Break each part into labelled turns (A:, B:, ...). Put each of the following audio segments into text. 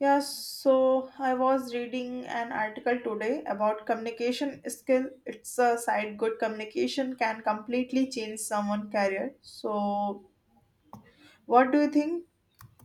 A: Yes, so I was reading an article today about communication skill. It's a side good communication can completely change someone's career. So, what do you think?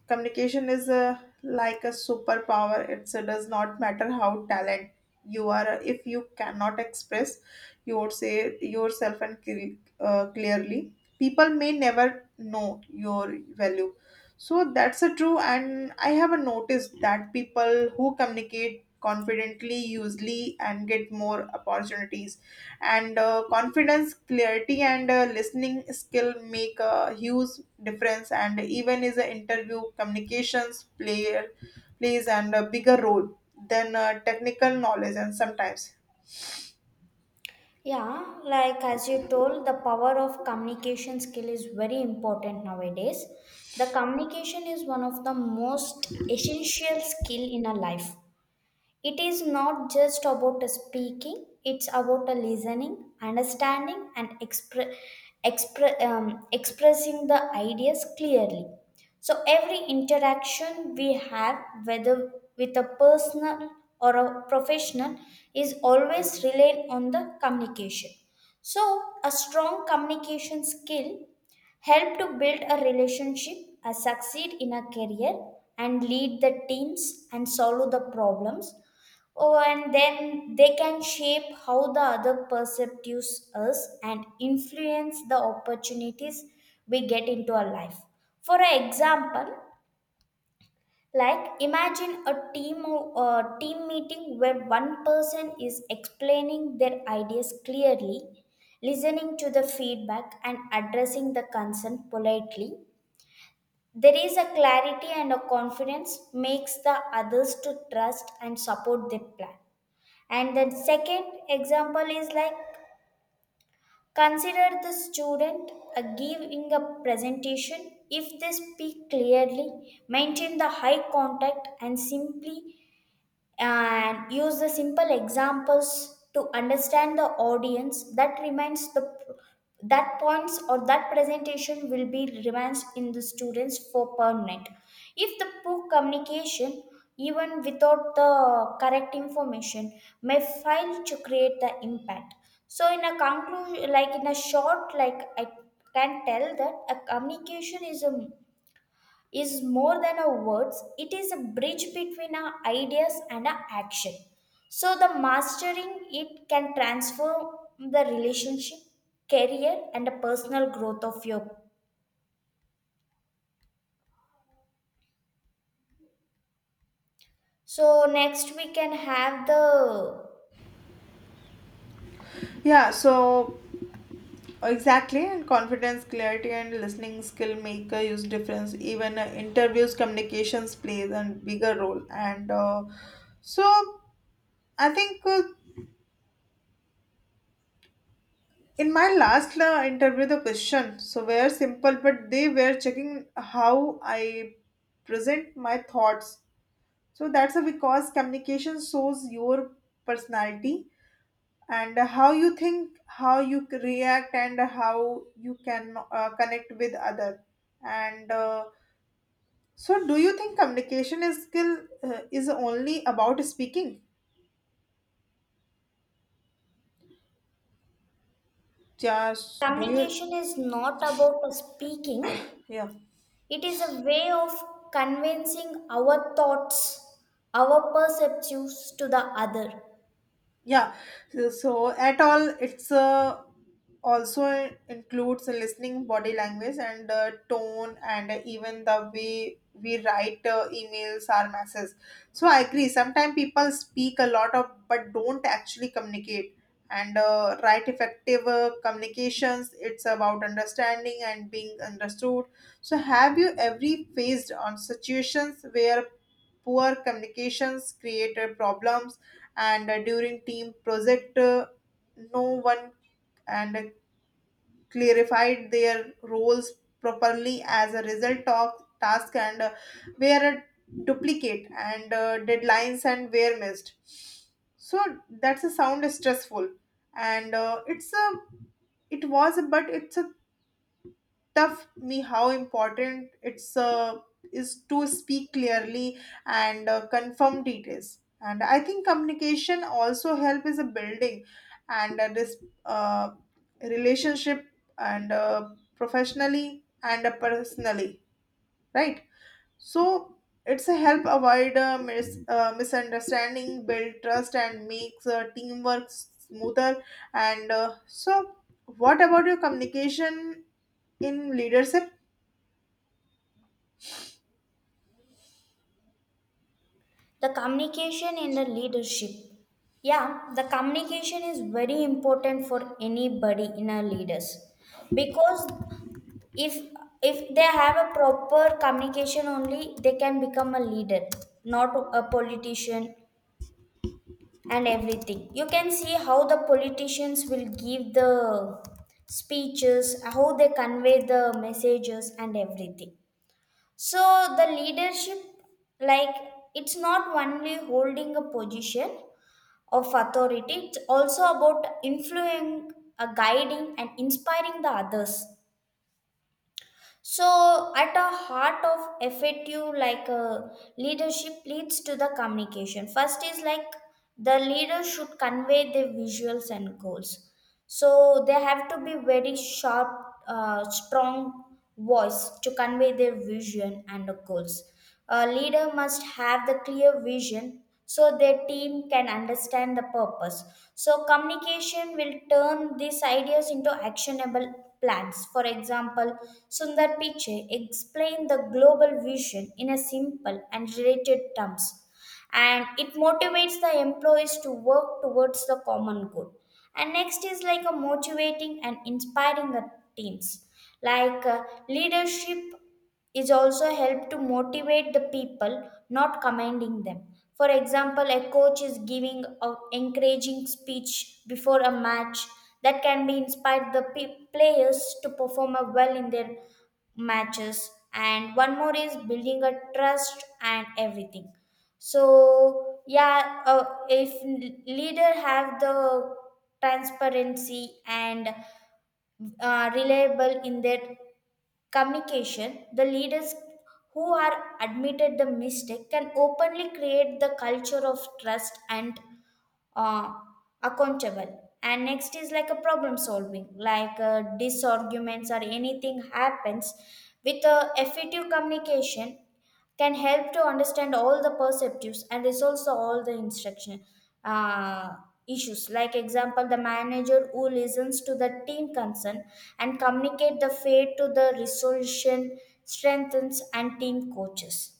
A: Communication is like a superpower it so, does not matter how talent you are if you cannot express your say yourself and clearly people may never know your value. So that's a true and I have a noticed that people who communicate confidently usually and get more opportunities and confidence clarity and listening skill make a huge difference and even is a interview communications player plays and a bigger role than technical knowledge and sometimes.
B: Yeah, like as you told, the power of communication skill is very important nowadays. The communication is one of the most essential skill in a life, it is not just about a speaking, it's about a listening, understanding, and expressing the ideas clearly. So, every interaction we have, whether with a personal or a professional, is always reliant on the communication. So, a strong communication skill help to build a relationship, succeed in a career, and lead the teams and solve the problems. Oh, and then they can shape how the other perceives us and influence the opportunities we get into our life. For example, like imagine a team meeting where one person is explaining their ideas clearly, listening to the feedback and addressing the concern politely. There is a clarity and a confidence makes the others to trust and support their plan, and the second example is like consider the student giving a presentation. If they speak clearly, maintain the high contact, and simply and use the simple examples to understand the audience, that remains the that points or that presentation will be remains in the students for permanent. If the poor communication even without the correct information may fail to create the impact. So in a conclusion, like in a short, like I can tell that a communication is a is more than our words, it is a bridge between our ideas and our action. So the mastering it can transform the relationship, career and the personal growth of your. So next we can have the
A: Yeah, so exactly and confidence clarity and listening skill make a huge difference even interviews communications plays a bigger role and so I think in my last interview, the question so were simple, but they were checking how I present my thoughts. So that's a because communication shows your personality and how you think, how you react, and how you can connect with other. And so, do you think communication is skill is only about speaking? Just do you?
B: communication is not about speaking,
A: Yeah.
B: it is a way of convincing our thoughts, our perceptions to the other.
A: yeah so, so at all it's also includes listening body language and tone and even the way we write emails or messages. So I agree sometimes people speak a lot of but don't actually communicate and right effective communications it's about understanding and being understood. So have you ever faced on situations where poor communications created problems, and during team project, no one and clarified their roles properly. As a result, of task and were duplicate, and deadlines and were missed. So that's a sound stressful, and it's a but it's a tough me how important it's is to speak clearly and confirm details and I think communication also help is a building and this uh, relationship and professionally and personally, right. So it's a help avoid misunderstanding build trust and makes teamwork smoother and so what about your communication in leadership?
B: The communication and the leadership. Yeah, the communication is very important for anybody in our leaders, because if if they have a proper communication only they can become a leader, not a politician. And everything, you can see how the politicians will give the speeches, how they convey the messages and everything. So the leadership, like it's not only holding a position of authority, it's also about influencing, guiding and inspiring the others. So at the heart of fatu, like leadership leads to the communication. First is like the leader should convey their visuals and goals, so they have to be very sharp, strong voice to convey their vision and the goals. A leader must have the clear vision so their team can understand the purpose. So, communication will turn these ideas into actionable plans. For example, Sundar Pichai explained the global vision in a simple and related terms, and it motivates the employees to work towards the common good. And next is like a motivating and inspiring the teams. Like leadership is also help to motivate the people, not commanding them. For example, a coach is giving a encouraging speech before a match that can be inspired the players to perform a well in their matches. And one more is building a trust and everything. So yeah, if leader have the transparency and reliable in their communication, the leaders who are admitted the mistake can openly create the culture of trust and uh, accountable. And next is like a problem solving, like disarguments or anything happens with effective communication can help to understand all the perceptives and resolves all the instruction uh, issues. Like example, the manager who listens to the team concern and communicate the fate to the resolution strengthens and team coaches.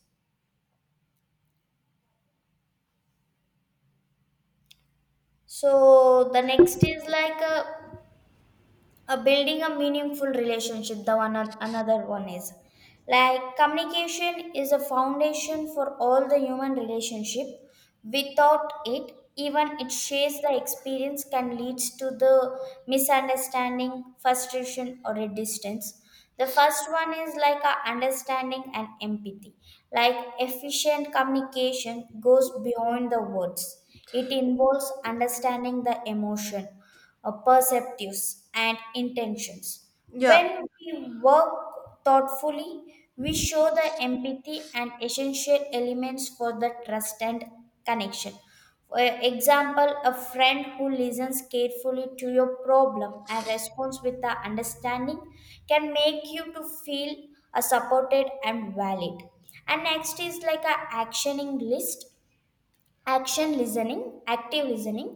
B: So the next is like a building a meaningful relationship. The one, another one is like communication is a foundation for all the human relationship. Without it, even it shares the experience can leads to the misunderstanding, frustration or a distance. The first one is like a understanding and empathy. Like efficient communication goes beyond the words, it involves understanding the emotion, perceptives, and intentions.
A: Yeah,
B: When we work thoughtfully, we show the empathy and essential elements for the trust and connection. For example, a friend who listens carefully to your problem and responds with the understanding can make you to feel supported and valid. And next is like a actioning list action listening active listening.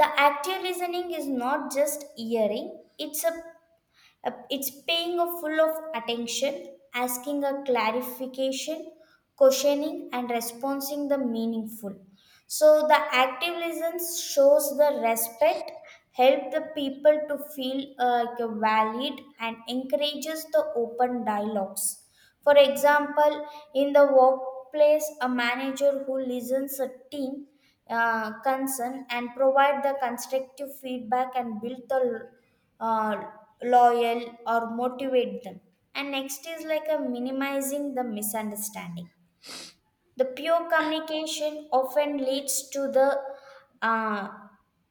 B: The active listening is not just hearing, it's paying a full of attention, asking a clarification, questioning and responding the meaningful. So the active listens shows the respect, help the people to feel like a valid, and encourages the open dialogues. For example, in the workplace, a manager who listens a team concern and provide the constructive feedback and build the uh, loyal or motivate them. And next is like a minimizing the misunderstanding. The pure communication often leads to the uh,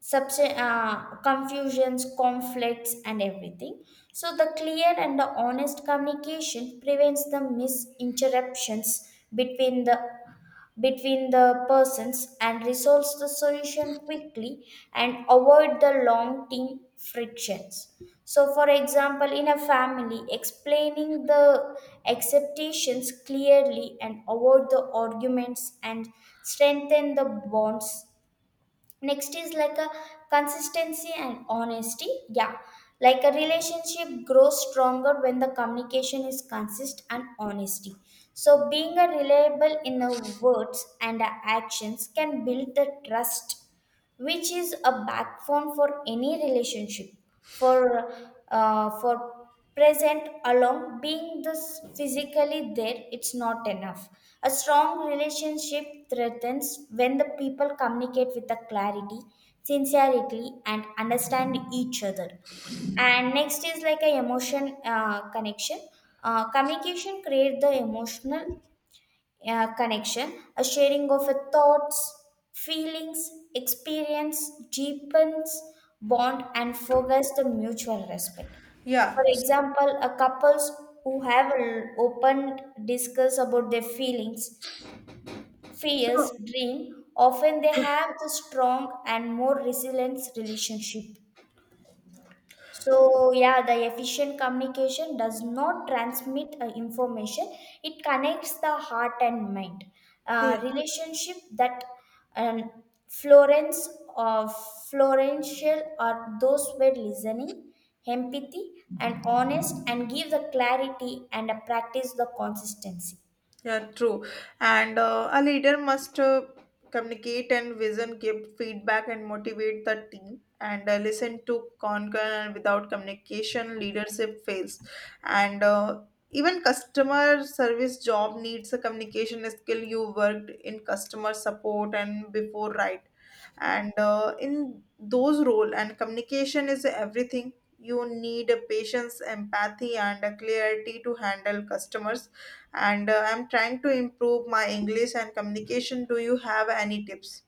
B: confusions, conflicts, and everything. So, the clear and the honest communication prevents the misinterruptions between the between the persons and resolves the solution quickly and avoid the long term frictions. So for example, in a family, explaining the expectations clearly and avoid the arguments and strengthen the bonds. Next is like a consistency and honesty, yeah. Like a relationship grows stronger when the communication is consist and honesty. So being a reliable in the words and the actions can build the trust, which is a backbone for any relationship. For uh, for present, along being this physically there, it's not enough. A strong relationship threatens when the people communicate with the clarity, sincerity and understand each other. And next is like a emotion connection. Communication creates the emotional connection, a sharing of a thoughts, feelings, experience deepens bond and forgets the mutual respect.
A: yeah.
B: For
A: So,
B: example, a couples who have an open discuss about their feelings,
A: so
B: fears, dream, often they have the strong and more resilient relationship. So, yeah, the efficient communication does not transmit information, it connects the heart and mind.
A: yeah.
B: Relationship that um, Florence or Florential are those where listening, empathy, and honest, and give the clarity and practice the consistency.
A: Yeah, true. And A leader must communicate and vision, give feedback, and motivate the team. And Listen to conquer. And without communication, leadership fails. And Even customer service job needs a communication skill. You worked in customer support and before, right? And In those role, and communication is everything. You need a patience, empathy, and a clarity to handle customers and I'm trying to improve my english and communication, do you have any tips,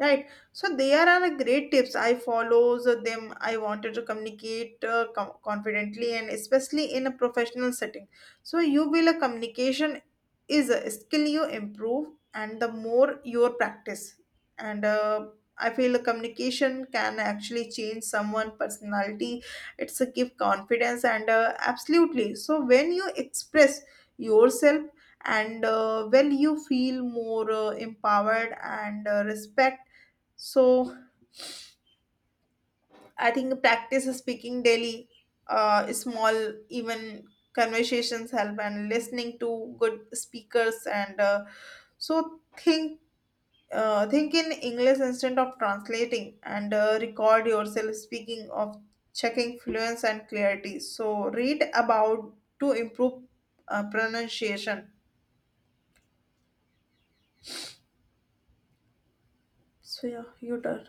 A: right? So there are a great tips I follows them I wanted to communicate confidently and especially in a professional setting. So you will a communication is a skill you improve and the more your practice and I feel communication can actually change someone personality. It's a give confidence and absolutely so when you express yourself and well you feel more empowered and respect. So I think practice speaking daily, small even conversations help and listening to good speakers and so think, think in English instead of translating and record yourself speaking of checking fluence and clarity. So read about to improve pronunciation. So yeah, you turn.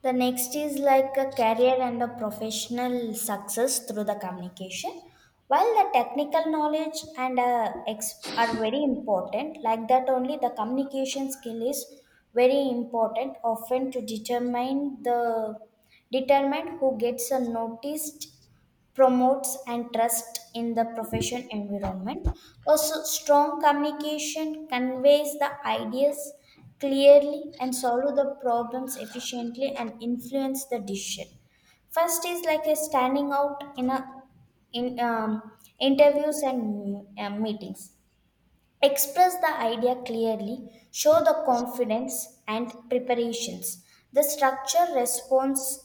B: The next is like a career and a professional success through the communication. While the technical knowledge and are very important, like that only the communication skill is very important, often to determine the determine who gets a noticed, promotes and trust in the profession environment. Also, strong communication conveys the ideas clearly and solve the problems efficiently and influence the decision. First is like a standing out in a in interviews and meetings. Express the idea clearly, show the confidence and preparations. The structure, response,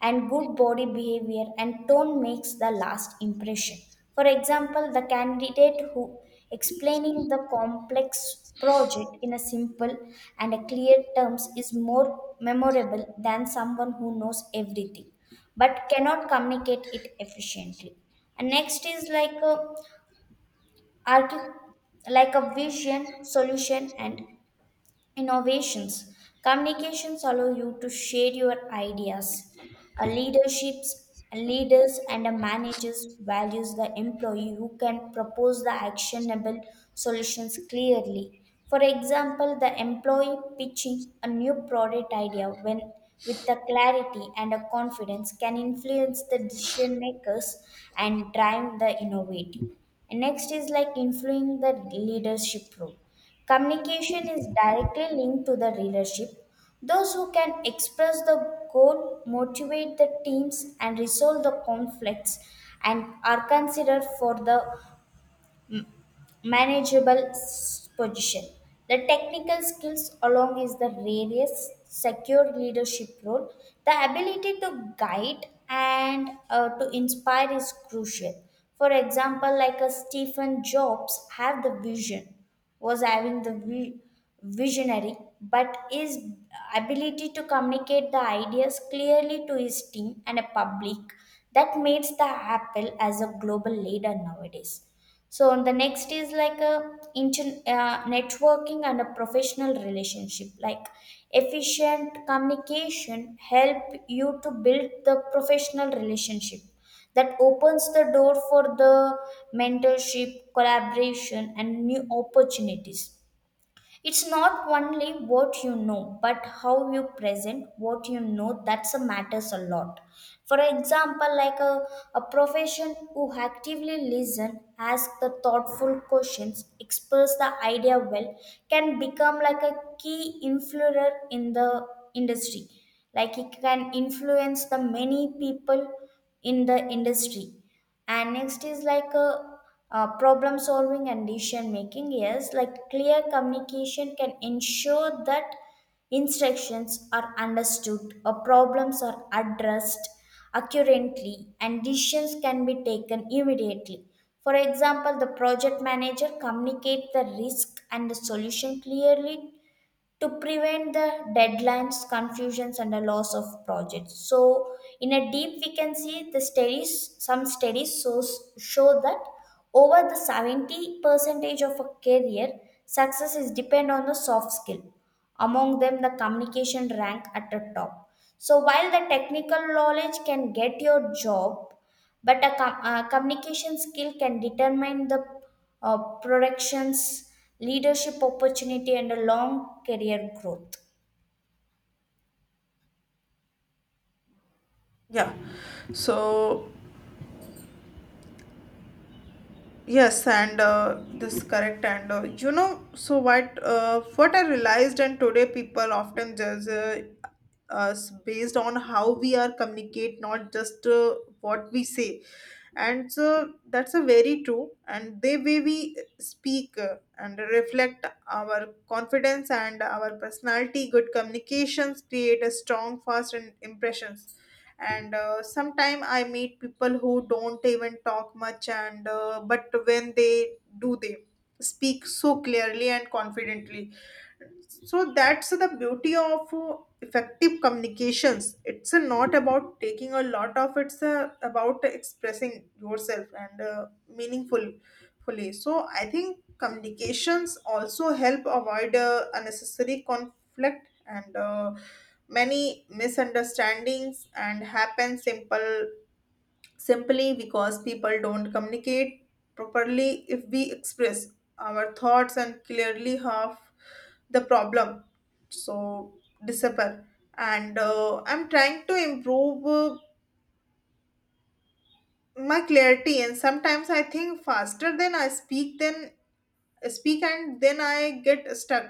B: and good body behavior and tone makes the last impression. For example, the candidate who explaining the complex project in a simple and a clear terms is more memorable than someone who knows everything but cannot communicate it efficiently. And next is like a art, like a vision, solution, and innovations. Communications allow you to share your ideas. A leaderships, leaders and a managers values the employee who can propose the actionable solutions clearly. For example, the employee pitching a new product idea when with the clarity and a confidence can influence the decision makers and drive the innovative. And next is like influencing the leadership role. Communication is directly linked to the leadership. Those who can express the goal, motivate the teams, and resolve the conflicts and are considered for the position. The technical skills, along with the various secure leadership role, the ability to guide and to inspire is crucial. For example, like a Stephen Jobs have the vision, was having the visionary, but his ability to communicate the ideas clearly to his team and a public that makes the Apple as a global leader nowadays. So the next is like a networking and a professional relationship. Like efficient communication help you to build the professional relationship that opens the door for the mentorship, collaboration and new opportunities. It's not only what you know, but how you present what you know, that's a matters a lot. For example, like a profession who actively listen, ask the thoughtful questions, express the idea well, can become like a key influencer in the industry. Like it can influence the many people in the industry. And next is like a problem solving and decision making. Yes, like clear communication can ensure that instructions are understood or problems are addressed accurately and decisions can be taken immediately. For example, the project manager communicate the risk and the solution clearly to prevent the deadlines, confusions, and the loss of projects. So, in a deep, we can see the studies. Some studies show that over the 70 percentage of a career, success is depend on the soft skill. Among them, the communication rank at the top. So, while the technical knowledge can get your job, but a communication skill can determine the production's leadership opportunity and a long career growth.
A: Yeah. So yes, and this correct. And so what? What I realized, and today people often judge us based on how we are communicate, not just what we say. And so that's a very true. And the way we speak and reflect our confidence and our personality, good communications create a strong, fast, and impressions and sometime I meet people who don't even talk much and but when they do they speak so clearly and confidently. So that's the beauty of effective communications it's not about taking a lot of it's about expressing yourself and meaningful fully. So I think communications also help avoid unnecessary conflict and many misunderstandings and happen simple simply because people don't communicate properly. If we express our thoughts and clearly half the problem so disappear and I'm trying to improve my clarity and sometimes I think faster than I speak then speak and then I get stuck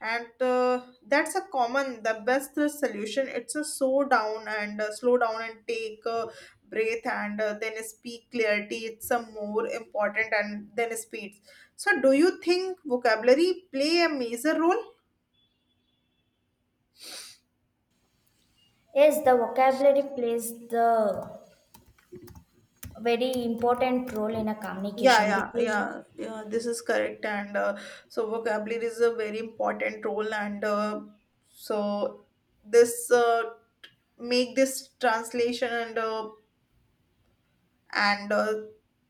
A: and that's a common the best solution it's a slow down and take a breath and then speak clarity it's a more important and then speed. So do you think vocabulary play a major role?
B: Yes, the vocabulary plays the very important role in a
A: yeah
B: communication
A: yeah
B: because,
A: yeah yeah this is correct and so vocabulary is a very important role and so this make this translation and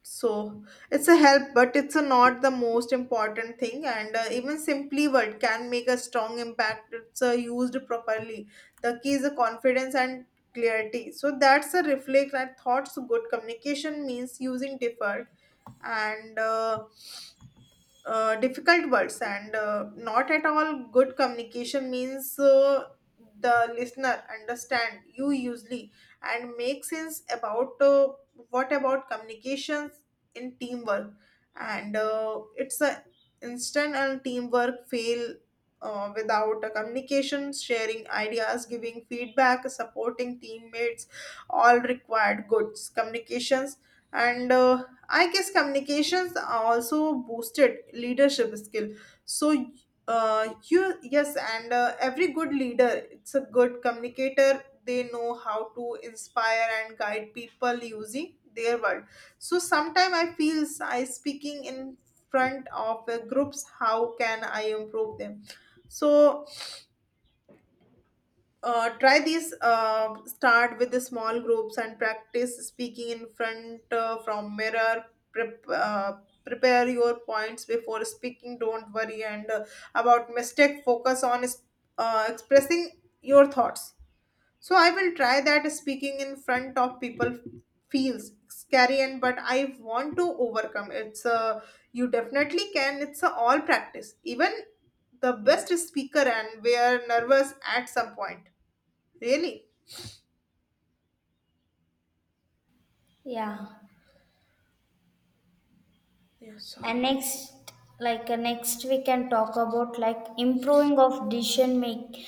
A: so it's a help but it's a not the most important thing and even simply word can make a strong impact it's used properly. The key is a confidence and clarity so that's a reflect and thoughts good communication means using deferred and difficult words and not at all good communication means the listener understand you usually and make sense about what about communications in teamwork and it's a instant and teamwork fail without a communication sharing ideas giving feedback supporting teammates all required goods communications and I guess communications also boosted leadership skill. So, you yes, and every good leader, it's a good communicator. They know how to inspire and guide people using their word. So sometimes I feel I speaking in front of groups. How can I improve them? So try these start with the small groups and practice speaking in front from mirror. Prep, uh, Prepare your points before speaking don't worry and about mistake focus on expressing your thoughts. So I will try that speaking in front of people feels scary and but I want to overcome it's you definitely can it's a all practice even the best speaker and we are nervous at some point. Really?
B: yeah.
A: Yeah, so
B: And next, next we can talk about like improving of decision make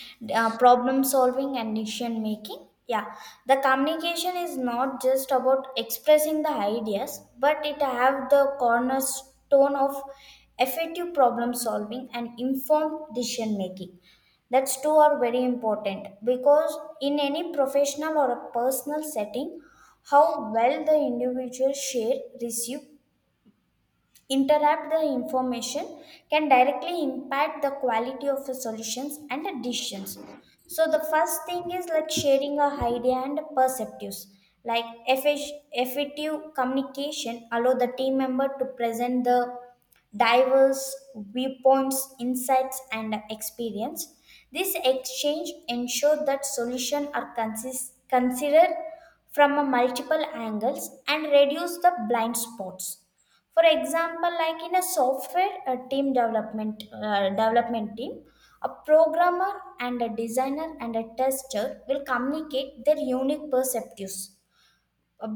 B: problem solving and decision making, yeah. The communication is not just about expressing the ideas, but it have the cornerstone of effective problem solving and informed decision making. That's two are very important because in any professional or a personal setting, how well the individual share, receive, interrupt the information can directly impact the quality of the solutions and the decisions. So the first thing is like sharing a idea and perceptives. Like effective communication allow the team member to present the diverse viewpoints, insights and experience. This exchange ensure that solutions are considered from a multiple angles and reduce the blind spots. For example, like in a software a team development development team, a programmer and a designer and a tester will communicate their unique perspectives.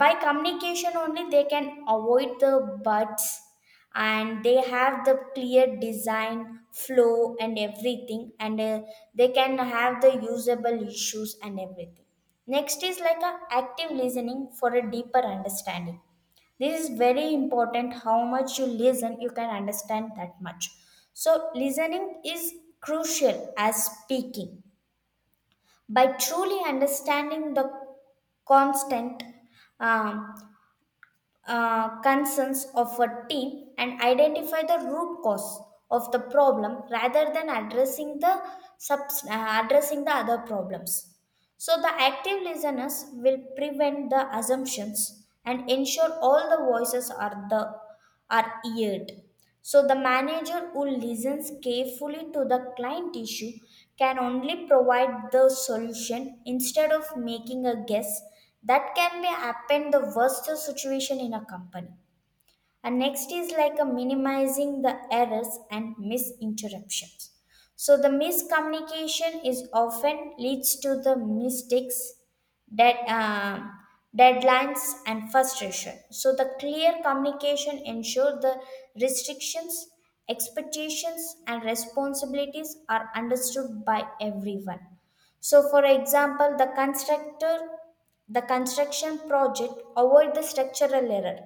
B: By communication only, they can avoid the buts, and they have the clear design flow and everything, and they can have the usable issues and everything. Next is like a active listening for a deeper understanding. This is very important. How much you listen, you can understand that much. So listening is crucial as speaking. By truly understanding the constant, um, concerns of a team and identify the root cause of the problem rather than addressing the addressing the other problems. So the active listeners will prevent the assumptions and ensure all the voices are, the, are heard. So the manager who listens carefully to the client issue can only provide the solution instead of making a guess that can be happen the worst situation in a company. And next is like a minimizing the errors and misinterruptions. So the miscommunication is often leads to the mistakes, dead, um, deadlines and frustration. So the clear communication ensure the restrictions, expectations and responsibilities are understood by everyone. So for example, the constructor, the construction project avoid the structural error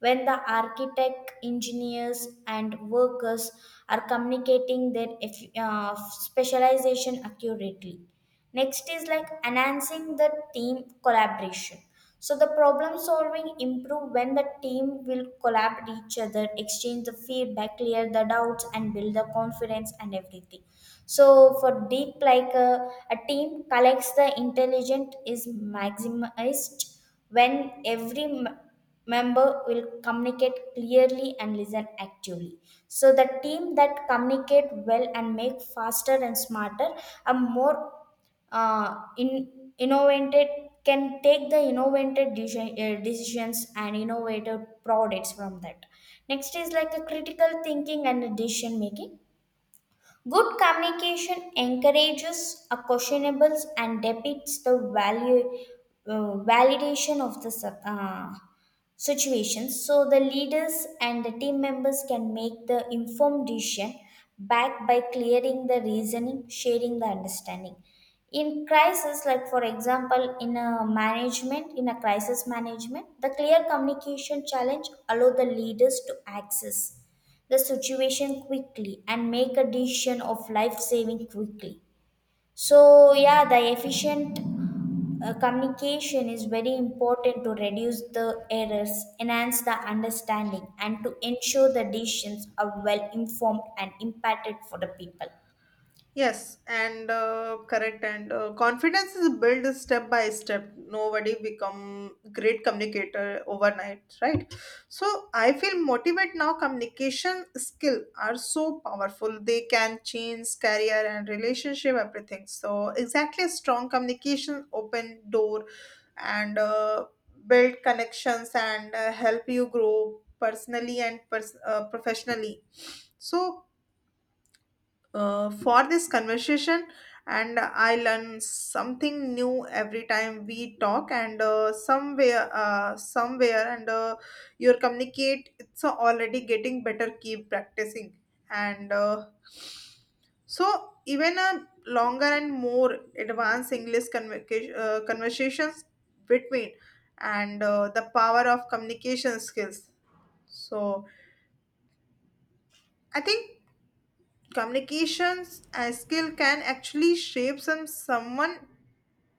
B: when the architect, engineers, and workers are communicating their specialization accurately. Next is like enhancing the team collaboration. So the problem solving improve when the team will collaborate each other, exchange the feedback, clear the doubts, and build the confidence and everything. So for deep, a team collects the intelligence is maximized when every member will communicate clearly and listen actively. So the team that communicate well and make faster and smarter are more in innovated, can take the innovative decision, decisions and innovative products from that. Next is like a critical thinking and decision making. Good communication encourages a questionables and depicts the value, validation of the situations. So the leaders and the team members can make the informed decision backed by clearing the reasoning, sharing the understanding in crisis. Like for example, in a management, in a crisis management, the clear communication challenge allow the leaders to access the situation quickly and make a decision of life saving quickly. So, yeah, the efficient communication is very important to reduce the errors, enhance the understanding, and to ensure the decisions are well informed and impacted for the people.
A: yes, and correct. And Confidence is built step by step. Nobody become great communicator overnight, right? So I feel motivate now. Communication skill are so powerful. They can change career and relationship, everything. So exactly, strong communication open door and build connections and help you grow personally and professionally. So for this conversation and I learn something new every time we talk and somewhere and your communicate it's already getting better keep practicing and so even a longer and more advanced english conversations between and the power of communication skills so I think communications as skill can actually shape someone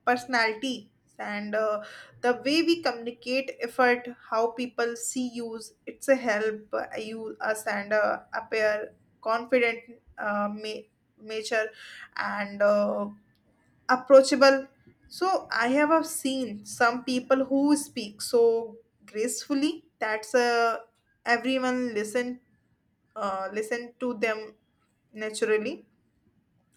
A: personality and the way we communicate effort how people see use it's a help you us and appear confident, uh, ma- nature and approachable. So I have seen some people who speak so gracefully that's everyone listen to them naturally.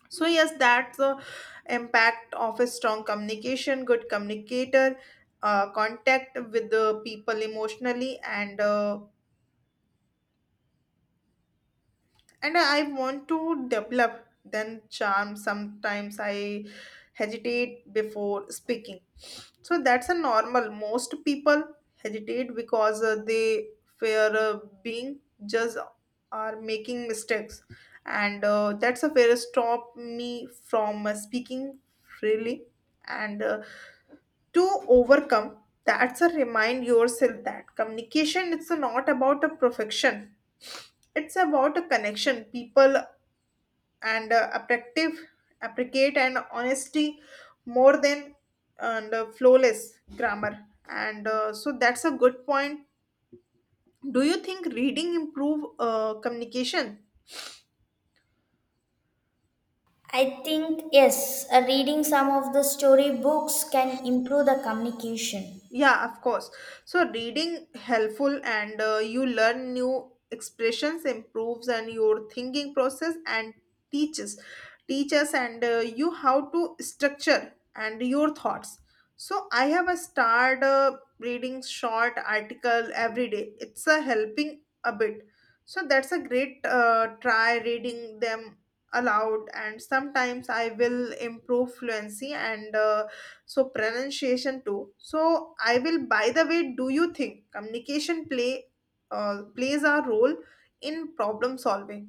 A: So, yes, that's the impact of a strong communication, good communicator, contact with the people emotionally, and and I want to develop then charm. Sometimes I hesitate before speaking. So that's a normal. Most people hesitate because they fear being judged or making mistakes, and that's a fear stop me from speaking freely. And To overcome, that's a remind yourself that communication it's not about a perfection. It's about a connection. People and appreciate and honesty more than and flawless grammar. And So that's a good point. Do you think reading improve communication?
B: I think, yes, reading some of the story books can improve the communication.
A: Yeah, of course. So reading helpful and you learn new expressions, improves and your thinking process and teaches teaches and you how to structure and your thoughts. So I have a started reading short article every day. It's a helping a bit. So that's a great, try reading them aloud. And sometimes I will improve fluency and pronunciation too. So I will, by the way, do you think communication play plays a role in problem solving?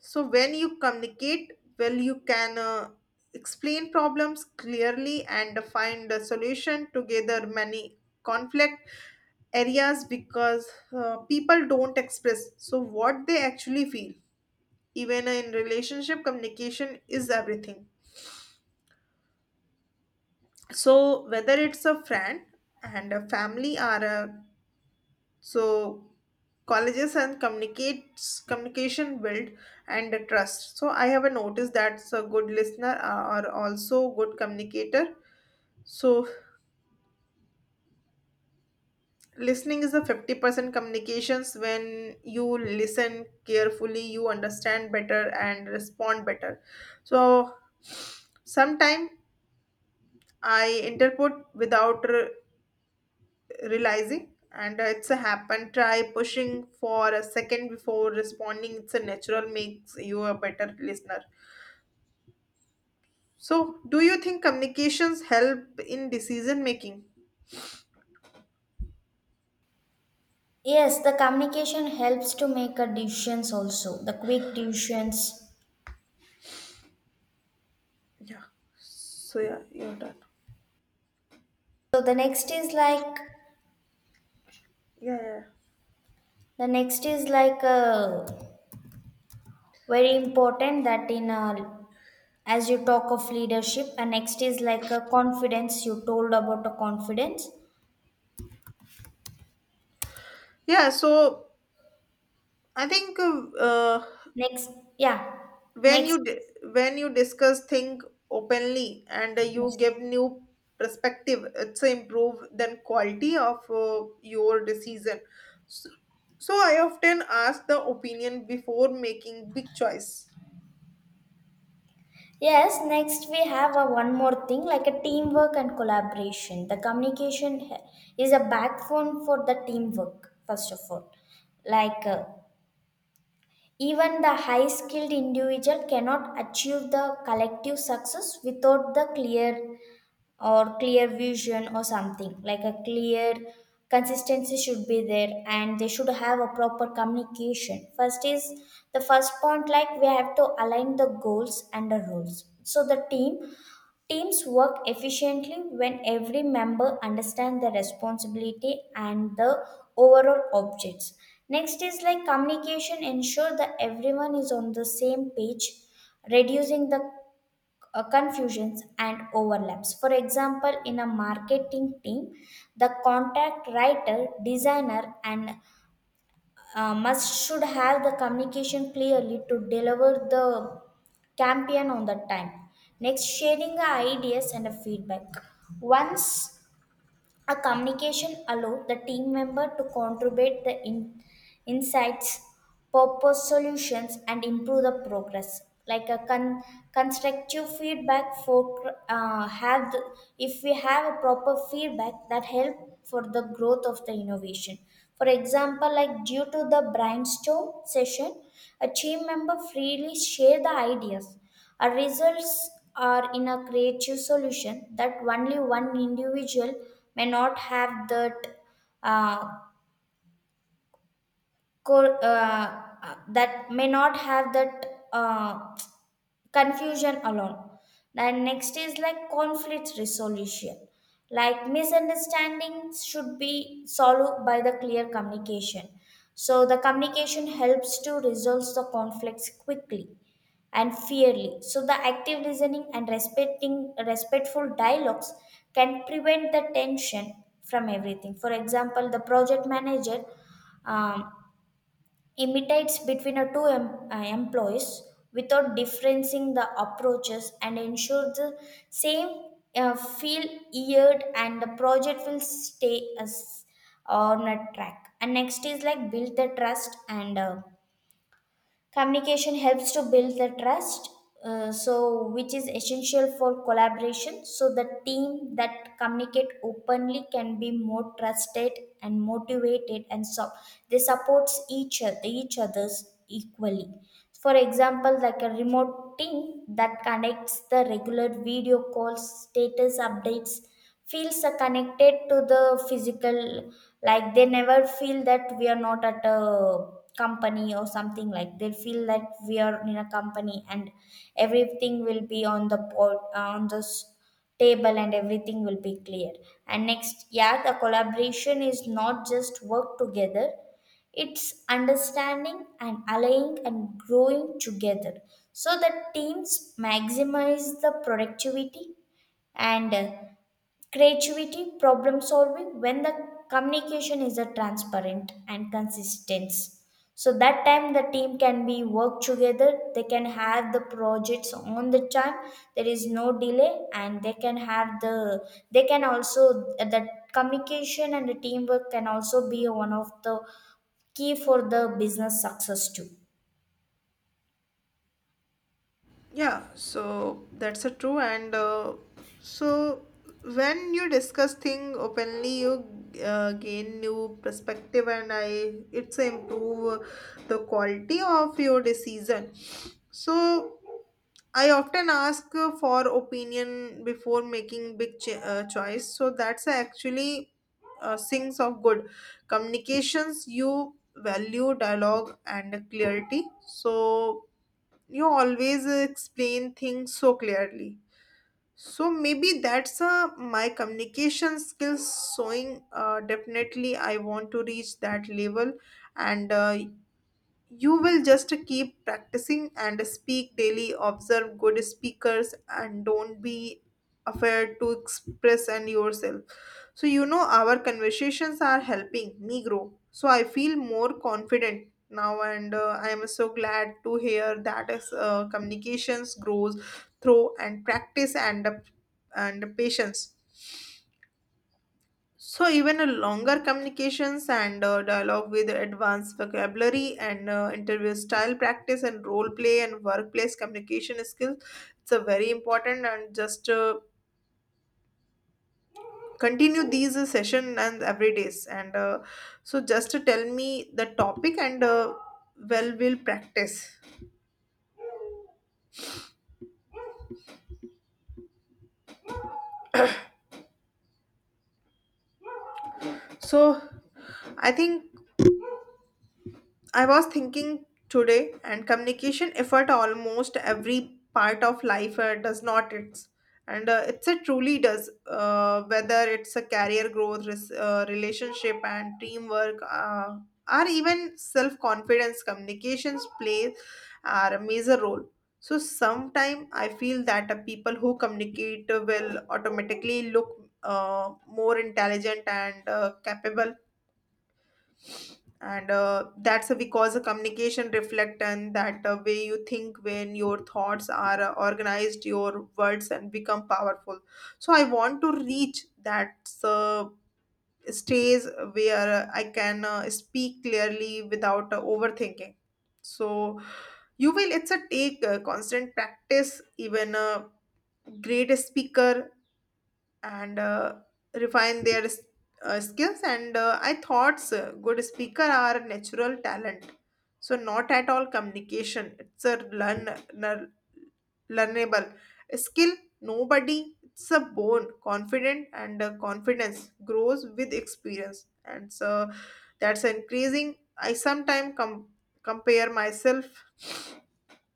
A: So when you communicate well, you can explain problems clearly and find a solution together. Many conflict areas because people don't express so what they actually feel. Even in relationship, communication is everything. So whether it's a friend and a family or a so colleges and communicates, communication build and the trust. So I have a notice that's a good listener are also good communicator. So listening is a 50% communications. When you listen carefully, you understand better and respond better. So sometime I interpret without realizing and it's a happen. Try pushing for a second before responding. It's a natural makes you a better listener. So do you think communications help in decision making?
B: Yes, the communication helps to make a decisions also, the quick decisions.
A: Yeah. So yeah, you're done.
B: So the next is like,
A: Yeah, yeah, yeah.
B: the next is like a very important that in, as you talk of leadership. And next is like a confidence. You told about a confidence
A: Yeah, so I think uh,
B: next, yeah,
A: when you
B: next,
A: di- when you discuss things openly and you
B: yes.
A: give new perspective, it's a improve then quality of your decision. So, so I often ask the opinion before making big choice.
B: Yes, next we have a one more thing like a teamwork and collaboration. The is a backbone for the teamwork, first of all. Like, even the high skilled individual cannot achieve the collective success without the clear or clear vision or something like a clear consistency should be there, and they should have a proper communication. First is the first point, like we have to align the goals and the roles. So the teams work efficiently when every member understands the responsibility and the overall objects. Next is like communication ensure that everyone is on the same page, reducing the confusions and overlaps. For example, in a marketing team, the contact writer, designer, and must should have the communication clearly to deliver the campaign on the time. Next, sharing the ideas and the feedback. Once a communication allow the team member to contribute the insights, purpose solutions and improve the progress, like a constructive feedback for if we have a proper feedback that help for the growth of the innovation. For example, like due to the brainstorm session, a team member freely share the ideas, our results are in a creative solution that only one individual may not have that, uh, that may not have that uh, confusion alone. Then next is like conflict resolution. Like misunderstandings should be solved by the clear communication. So the communication helps to resolve the conflicts quickly and fairly. So the active listening and respecting respectful dialogues can prevent the tension from everything. For example, the project manager um, imitates between a two employees without differencing the approaches and ensure the same feel yeared, and the project will stay as on a track. And next is like build the trust. And Communication helps to build the trust, so which is essential for collaboration. So the team that communicate openly can be more trusted and motivated, and so they supports each other, each others equally. For example, like a remote team that connects the regular video calls, status updates, feels connected to the physical. Like they never feel that we are not at a company or something. Like they feel that we are in a company and everything will be on the board on the table, and everything will be clear. And next, yeah, the collaboration is not just work together. It's understanding and allying and growing together. So that teams maximize the productivity and creativity, problem solving, when the communication is a transparent and consistent. So that time the team can be work together, they can have the projects on the time, there is no delay, and they can have the, they can also, the communication and the teamwork can also be one of the key for the business success too.
A: Yeah, so that's a true. And so when you discuss thing openly, you gain new perspective, and I it's improve the quality of your decision. So I often ask for opinion before making big choice. So that's actually things of good communications. You value dialogue and clarity. So you always explain things so clearly. So maybe that's my communication skills showing. Definitely I want to reach that level, and you will just keep practicing and speak daily, observe good speakers, and don't be afraid to express and yourself. So, you know, our conversations are helping me grow. So, I feel more confident now, and I am so glad to hear that as communications grows through and practice and patience. So, even a longer communications and dialogue with advanced vocabulary and interview style practice and role play and workplace communication skills, it's a very important. And just continue these session and every days and so just to tell me the topic and well, we'll practice. So I think I was thinking today, and communication effort almost every part of life, does not it's and it's a truly does. Whether it's a career growth, relationship, and teamwork, or even self confidence. Communications play are a major role. So sometimes I feel that people who communicate will automatically look more intelligent and capable, and that's because a communication reflect and that way you think. When your thoughts are organized, your words and become powerful. So I want to reach that stage where I can speak clearly without overthinking. So you will it's a take constant practice. Even a great speaker and refine their skills. And I thought good speaker are a natural talent. So not at all, communication it's a learn learnable skill. Nobody it's a bone confident and confidence grows with experience. And so that's increasing I sometimes compare myself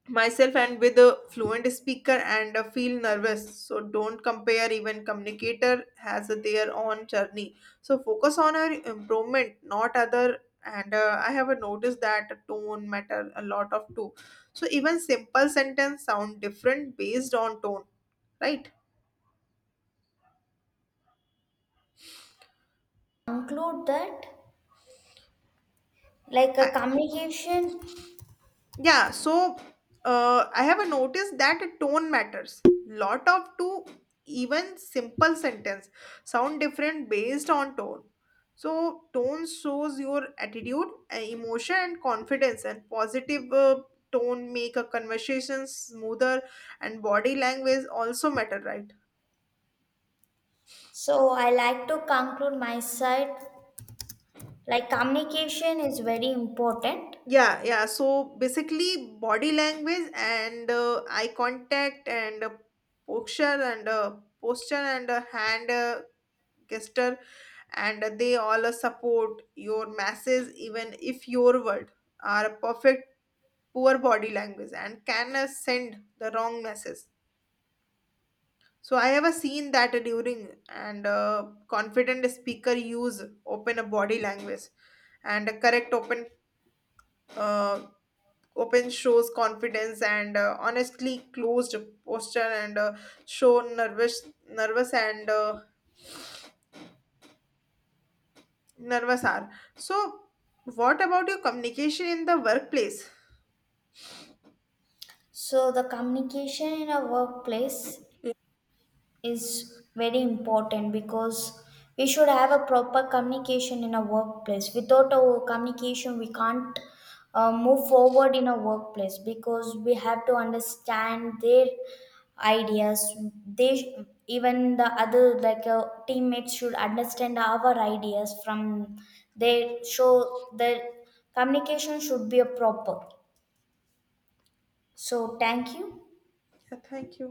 A: myself and with a fluent speaker and feel nervous. So don't compare. Even communicator has their own journey. So focus on our improvement, not other. And I have noticed that tone matter a lot of too. So even simple sentence sound different based on tone, right?
B: Conclude that, like a communication,
A: Yeah, so I have a notice that tone matters. Lot of to even simple sentence sound different based on tone. So tone shows your attitude, emotion, and confidence. And positive tone make a conversation smoother. And body language also matter, right?
B: so I like to conclude my side. Like communication is very important.
A: Yeah, yeah. So basically, body language and eye contact and posture and hand gesture, and they all support your masses. Even if your word are a perfect, poor body language and can send the wrong message. So I have seen that during and confident speaker use open body language and a correct open uh, open shows confidence and honestly closed posture and show nervous and uh, nervous are. So what about your communication in the workplace?
B: So the communication in a workplace is very important because we should have a proper communication in a workplace. Without a communication we can't move forward in a workplace because we have to understand their ideas, they, even the other like teammates should understand our ideas from their, show their communication should be a proper. So, thank you.
A: Yeah, thank you.